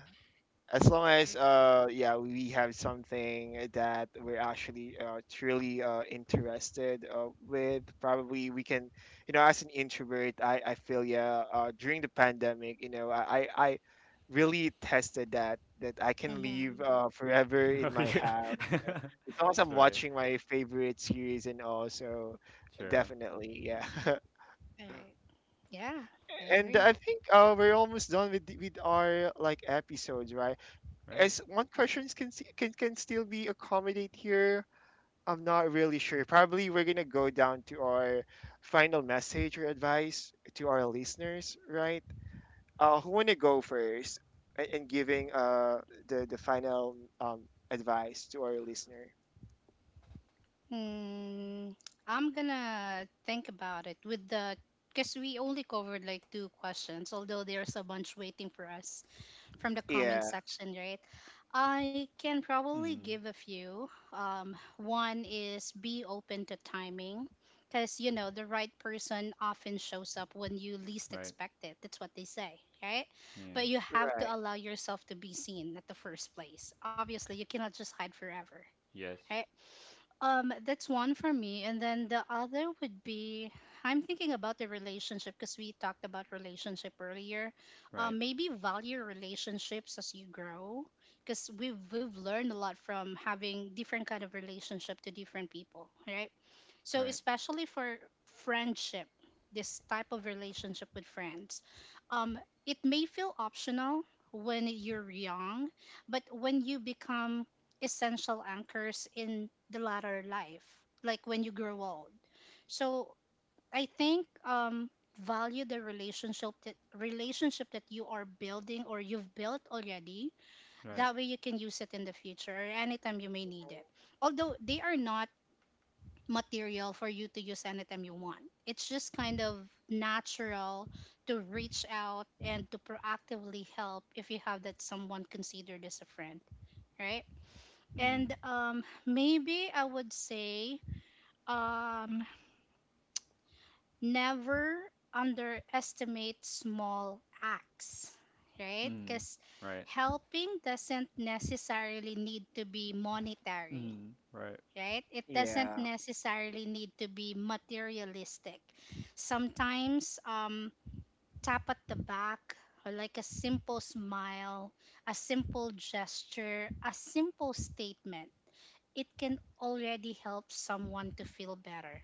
As long as, Like, yeah, we have something that we're actually, truly, interested, with, probably we can, as an introvert, I feel, yeah, during the pandemic, I really tested that I can live, mm-hmm. Forever in Oh my yeah, house, as long as that's I'm right. watching my favorite series, and also, True. definitely, yeah. Yeah. All right. Yeah, I And agree. I think, we're almost done with with our, like, episodes, right? Right. As one question can can still be accommodate here. I'm not really sure. Probably we're gonna go down to our final message or advice to our listeners, right? Who wanna go first, in giving, the final, advice to our listener? Hmm. I'm gonna think about it with the because we only covered like two questions, although there's a bunch waiting for us from the comment Yeah, section, right? I can probably Mm. give a few. One is be open to timing, because you know the right person often shows up when you least Right. expect it. That's what they say, right? Yeah. But you have to right. allow yourself to be seen at the first place. Obviously, you cannot just hide forever. Yes. Right? That's one for me. And then the other would be I'm thinking about the relationship because we talked about relationship earlier. Right. Maybe value relationships as you grow because we've learned a lot from having different kind of relationship to different people, right? So, Right. especially for friendship, this type of relationship with friends, um, it may feel optional when you're young, but when you become essential anchors in the latter life, like when you grow old. So, I think value the relationship that you are building or you've built already. Right. That way, you can use it in the future or anytime you may need it. Although they are not material for you to use anytime you want. It's just kind of natural to reach out and to proactively help if you have that someone considered as a friend, right? And Mm. Maybe I would say um, never underestimate small acts, right? Mm. Because Right. helping doesn't necessarily need to be monetary, Mm. Right. right? It doesn't Yeah, necessarily need to be materialistic. Sometimes, tap at the back, or like a simple smile, a simple gesture, a simple statement, it can already help someone to feel better.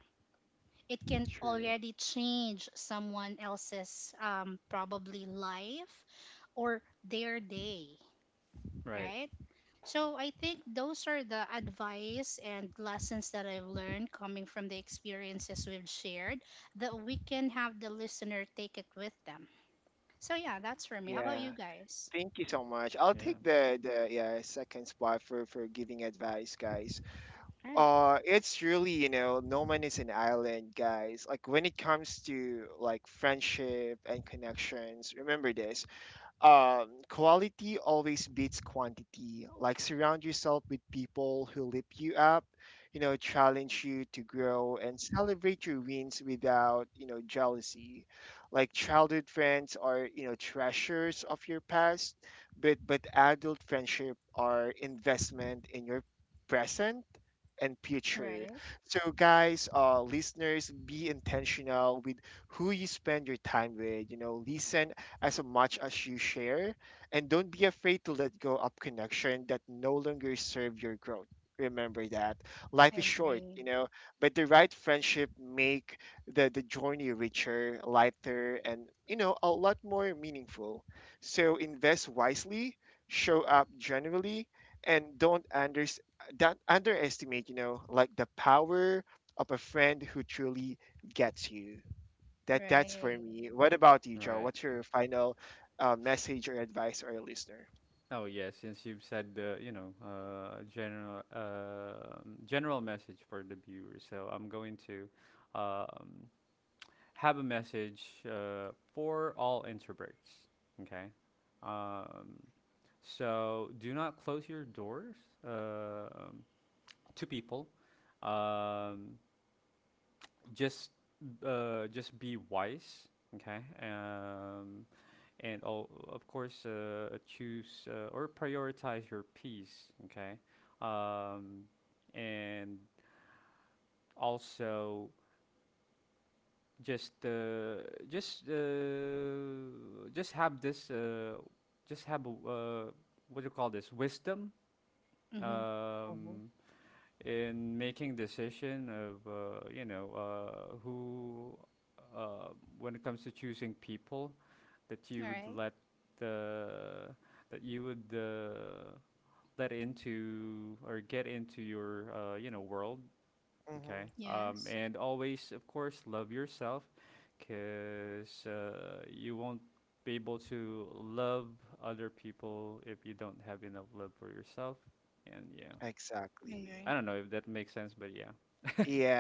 It can true. already change someone else's probably life or their day, Right. right? So I think those are the advice and lessons that I've learned coming from the experiences we've shared that we can have the listener take it with them. So yeah, that's for me. How about Yeah. you guys? Thank you so much. I'll Yeah. take the, yeah, second spot for giving advice, guys. Right. It's really, no man is an island, guys. Like when it comes to, like, friendship and connections, remember this, quality always beats quantity. Like surround yourself with people who lift you up, challenge you to grow, and celebrate your wins without, jealousy. Like childhood friends are, treasures of your past, but adult friendship are investment in your present and future. Right. So guys, listeners, be intentional with who you spend your time with, listen as much as you share, and don't be afraid to let go of connection that no longer serve your growth. Remember that I life is short, agree. But the right friendship make the journey richer, lighter, and a lot more meaningful. So invest wisely, show up generally, and don't underestimate, like the power of a friend who truly gets you. That's for Right. me. What about you, Joe? Right. What's your final, message or advice or a listener? Oh yeah. Since you've said the general message for the viewers, so I'm going to um have a message for all introverts. Okay. Um, so do not close your doors um to people. Um, just just be wise. Okay. And all, of course, choose or prioritize your peace. Okay. Um, and also just uh, just have this just have a, what do you call this wisdom Mm-hmm. um, in making decision of you know who uh, when it comes to choosing people that All you would right. let uh, that you would let into or get into your you know world. Hmm. Okay. Yes. And always, of course, love yourself because you won't be able to love other people if you don't have enough love for yourself. And yeah, I Exactly. agree. I don't know if that makes sense, but yeah.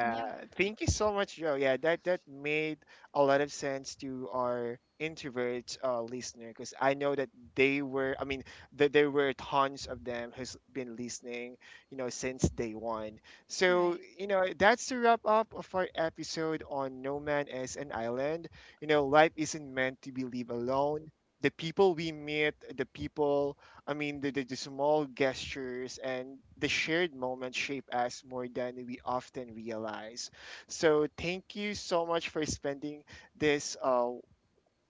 Yeah. thank you so much, Joe. Yeah, that made a lot of sense to our introvert, listener, because I know that they were, I mean, that there were tons of them who's been listening, since day one. So, Right. That's the wrap up of our episode on No Man is an Island. Life isn't meant to be lived alone. The people we meet, the people, I mean, the small gestures and the shared moments shape us more than we often realize. So, thank you so much for spending this,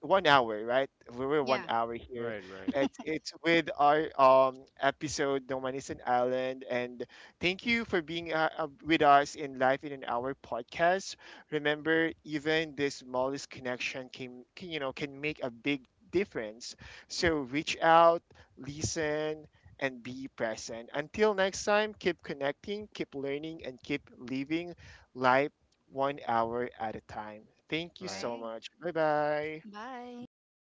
one hour, right? We were one Yeah. hour here. Right, right, It's with our, episode No Man Is an Island, and thank you for being, with us in Life in an Hour podcast. Remember, even the smallest connection can, can make a big difference. So reach out, listen, and be present. Until next time, keep connecting, keep learning, and keep living life one hour at a time. Thank you right. so Right. much. Bye bye. Bye. Bye, guys.